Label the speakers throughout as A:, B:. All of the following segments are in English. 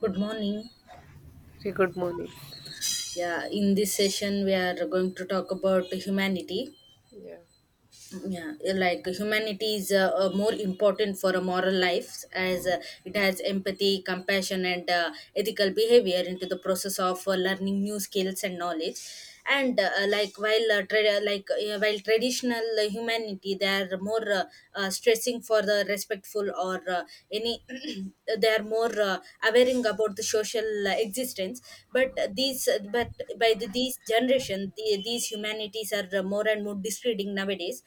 A: Good morning.
B: Very good morning.
A: Yeah, in this session we are going to talk about humanity.
B: Yeah.
A: Yeah, like humanity is more important for a moral life, as it has empathy, compassion, and ethical behavior into the process of learning new skills and knowledge. And like while traditional humanity, they are more stressing for the respectful or any they are more aware about the social existence, but these but by these generation these humanities are more and more discreting nowadays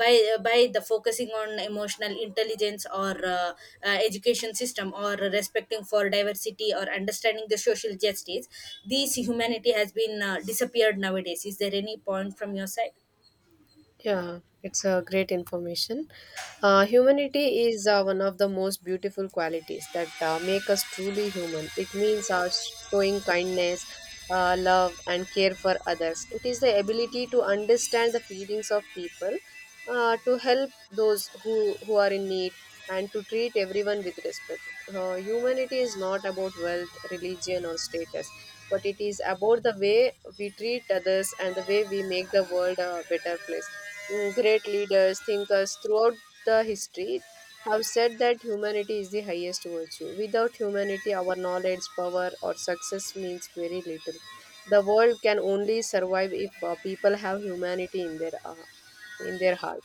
A: by the focusing on emotional intelligence, or education system, or respecting for diversity, or understanding the social justice. These humanity has been disappeared nowadays. Is there any point from your side?
B: Yeah, it's a great information. Humanity is one of the most beautiful qualities that make us truly human. It means showing kindness, love, and care for others. It is the ability to understand the feelings of people, to help those who are in need, and to treat everyone with respect. Humanity is not about wealth, religion, or status, but it is about the way we treat others and the way we make the world a better place. Mm. Great leaders, thinkers throughout the history have said that humanity is the highest virtue. Without humanity, our knowledge, power, or success means very little. The world can only survive if people have humanity in their in their heart.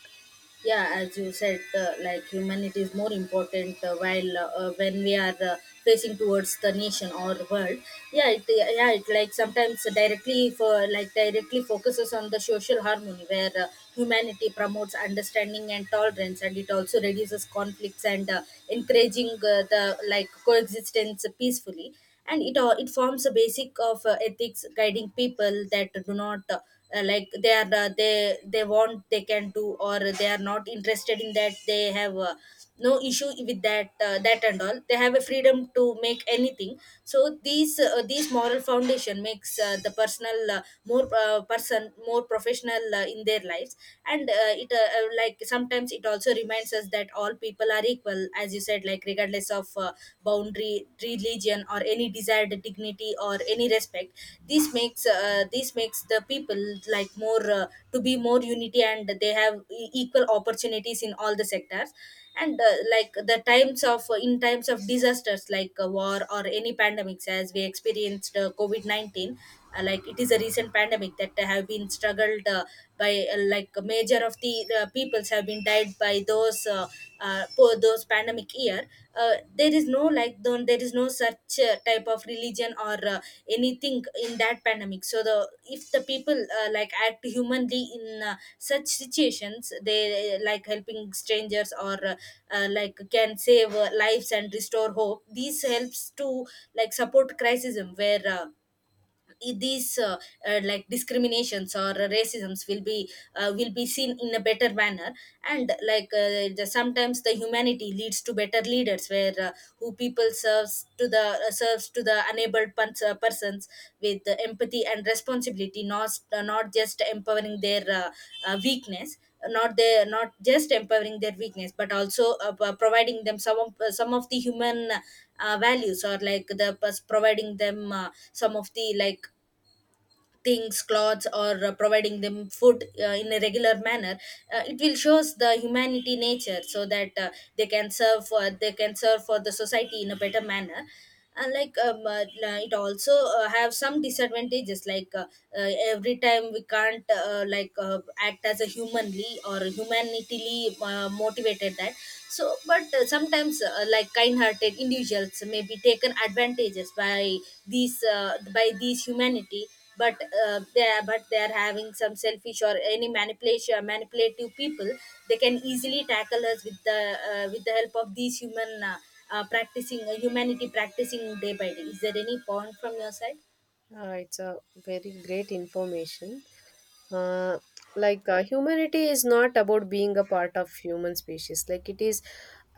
A: Yeah, as you said, like humanity is more important while when we are facing towards the nation or world. Yeah, it like sometimes directly for like directly focuses on the social harmony, where humanity promotes understanding and tolerance, and it also reduces conflicts and encouraging the like coexistence peacefully. And it all it forms a basic of ethics, guiding people that do not like they want, they can do, or they are not interested in that, they have no issue with that that, and all they have a freedom to make anything. So these moral foundation makes the personal more person more professional in their lives. And it like sometimes it also reminds us that all people are equal, as you said, like regardless of boundary, religion, or any desired dignity or any respect. This makes the people like more, to be more unity, and they have equal opportunities in all the sectors. And like the times of in times of disasters like a war or any pandemics, as we experienced COVID-19. Like it is a recent pandemic that have been struggled by like a major of the peoples have been died by those pandemic year. There is no, like, like don't, there is no such type of religion or anything in that pandemic. So the, if the people like act humanly in such situations, they like helping strangers, or like can save lives and restore hope. This helps to like support crisis where I- these like discriminations or racisms will be seen in a better manner. And like sometimes the humanity leads to better leaders, where who people serves to the enabled persons with the empathy and responsibility, not just empowering their weakness, not their not just empowering their weakness but also providing them some of the human values, or like the providing them some of the like things, clothes, or providing them food in a regular manner. It will shows the humanity nature, so that they can serve for the society in a better manner. And like it also have some disadvantages, like every time we can't act as a humanly or humanitily motivated that. So but sometimes like kind-hearted individuals may be taken advantages by these humanity. But they are having some selfish or any manipulation manipulative people. They can easily tackle us with the help of these human, practicing humanity, practicing day by day. Is there any point from your side?
B: It's a very great information. uh, Humanity is not about being a part of human species. Like, it is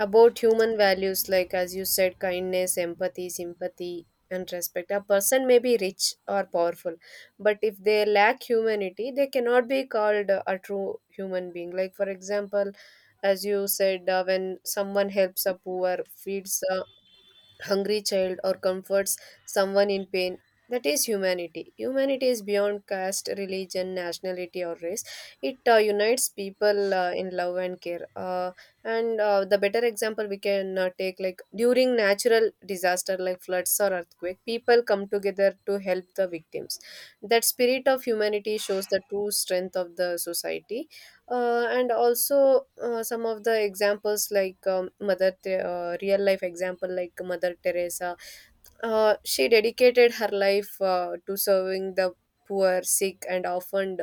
B: about human values, like as you said, kindness, empathy, sympathy, and respect. A person may be rich or powerful, but if they lack humanity, they cannot be called a true human being. Like, for example, as you said, when someone helps a poor, feeds hungry child, or comforts someone in pain, that is humanity. Humanity is beyond caste, religion, nationality, or race. It unites people in love and care and The better example we can take, like during natural disaster like floods or earthquake, people come together to help the victims. That spirit of humanity shows the true strength of the society. And also, some of the examples, like real life example like Mother Teresa. She dedicated her life to serving the poor, sick, and orphaned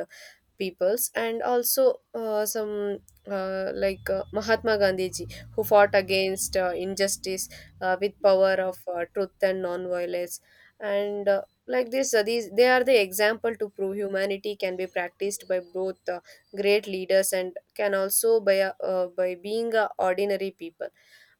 B: peoples. And also some like Mahatma Gandhi Ji, who fought against injustice with power of truth and non-violence. And uh, like this uh, these they are the example to prove humanity can be practiced by both great leaders and can also by being ordinary people.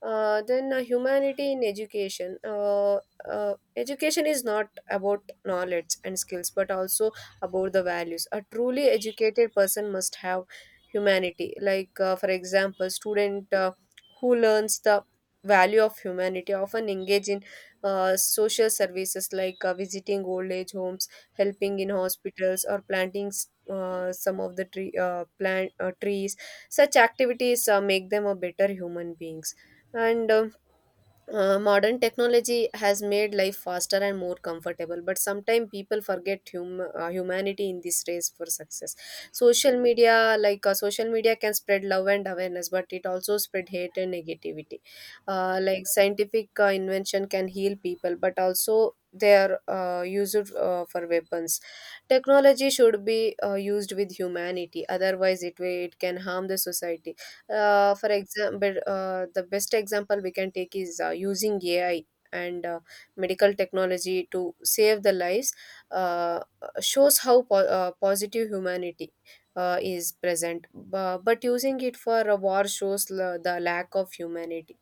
B: Then Humanity in education. Uh, Education is not about knowledge and skills, but also about the values. A truly educated person must have humanity. Like, for example, student who learns the value of humanity, often engage in social services, like visiting old age homes, helping in hospitals, or planting s- some of the tree plant trees. Such activities make them a better human beings. And Modern technology has made life faster and more comfortable, but sometimes people forget humanity in this race for success. Social media, social media, can spread love and awareness, but it also spread hate and negativity. Like scientific invention can heal people, but also they are used for weapons. Technology should be used with humanity, otherwise it can harm the society. For example, the best example we can take is using AI and medical technology to save the lives uh, shows how positive humanity is present. But using it for a war shows the lack of humanity.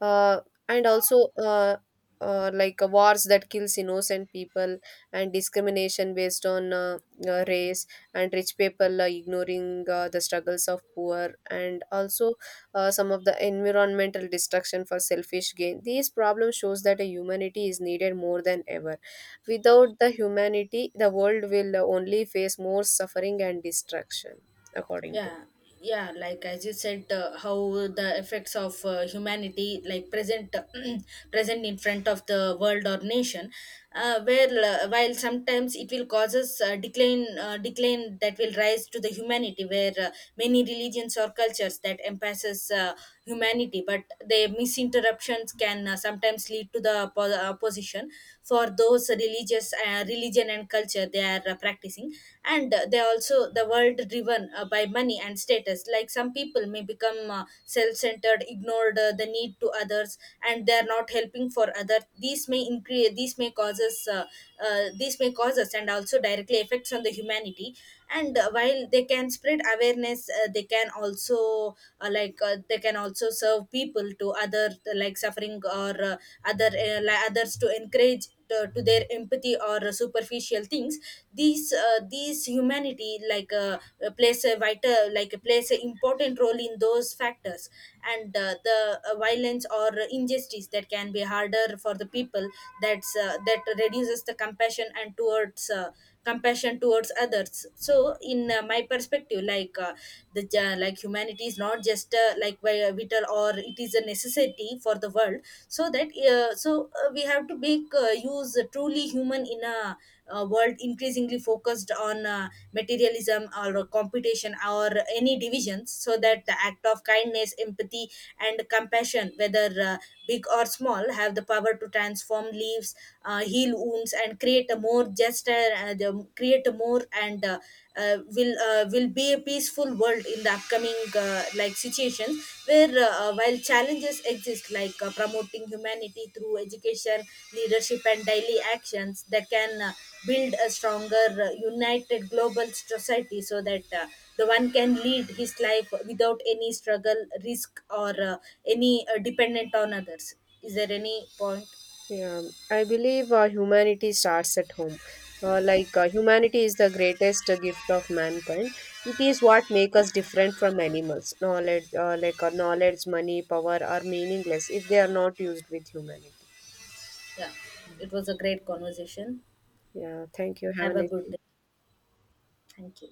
B: Uh, and also like Wars that kills innocent people, and discrimination based on race, and rich people ignoring the struggles of poor, and also some of the environmental destruction for selfish gain. These problems shows that a humanity is needed more than ever. Without the humanity, the world will only face more suffering and destruction, according to
A: Yeah, yeah, like as you said, how the effects of humanity like present present in front of the world or nation. Where while sometimes it will causes decline that will rise to the humanity, where many religions or cultures that emphasizes humanity, but their misinterruptions can sometimes lead to the opposition for those religious, religion, and culture they are practicing. And they also, the world driven by money and status, like some people may become self-centered, ignored the need to others, and they are not helping for others. These may increase, these may cause us, and also directly affects on the humanity. And while they can spread awareness, they can also serve people to other like suffering, or other others to encourage to their empathy or superficial things. These these humanity like plays a vital like plays an important role in those factors. And the violence or injustice that can be harder for the people. That's that reduces the compassion and towards compassion towards others. So in my perspective, like humanity is not just vital, or it is a necessity for the world. So that we have to make use truly human in a world increasingly focused on materialism, or competition, or any divisions. So
B: me.
A: that the act of kindness, empathy, and compassion, whether big or small, have the power to transform leaves, heal wounds, and create a more just, create a more, and will be a peaceful world in the upcoming like situations. Where while challenges exist, like promoting humanity through education, leadership, and daily actions that can build a stronger, united global society, so that the one can lead his life without any struggle, risk, or any dependent on others. Is there any point?
B: Yeah, I believe humanity starts at home. Humanity is the greatest gift of mankind. It is what makes us different from animals. Knowledge, knowledge, money, power are meaningless if they are not used with humanity.
A: Yeah, it was a great conversation.
B: Yeah, thank you. Have a
A: Have a
B: nice
A: good
B: day.
A: day. Thank you.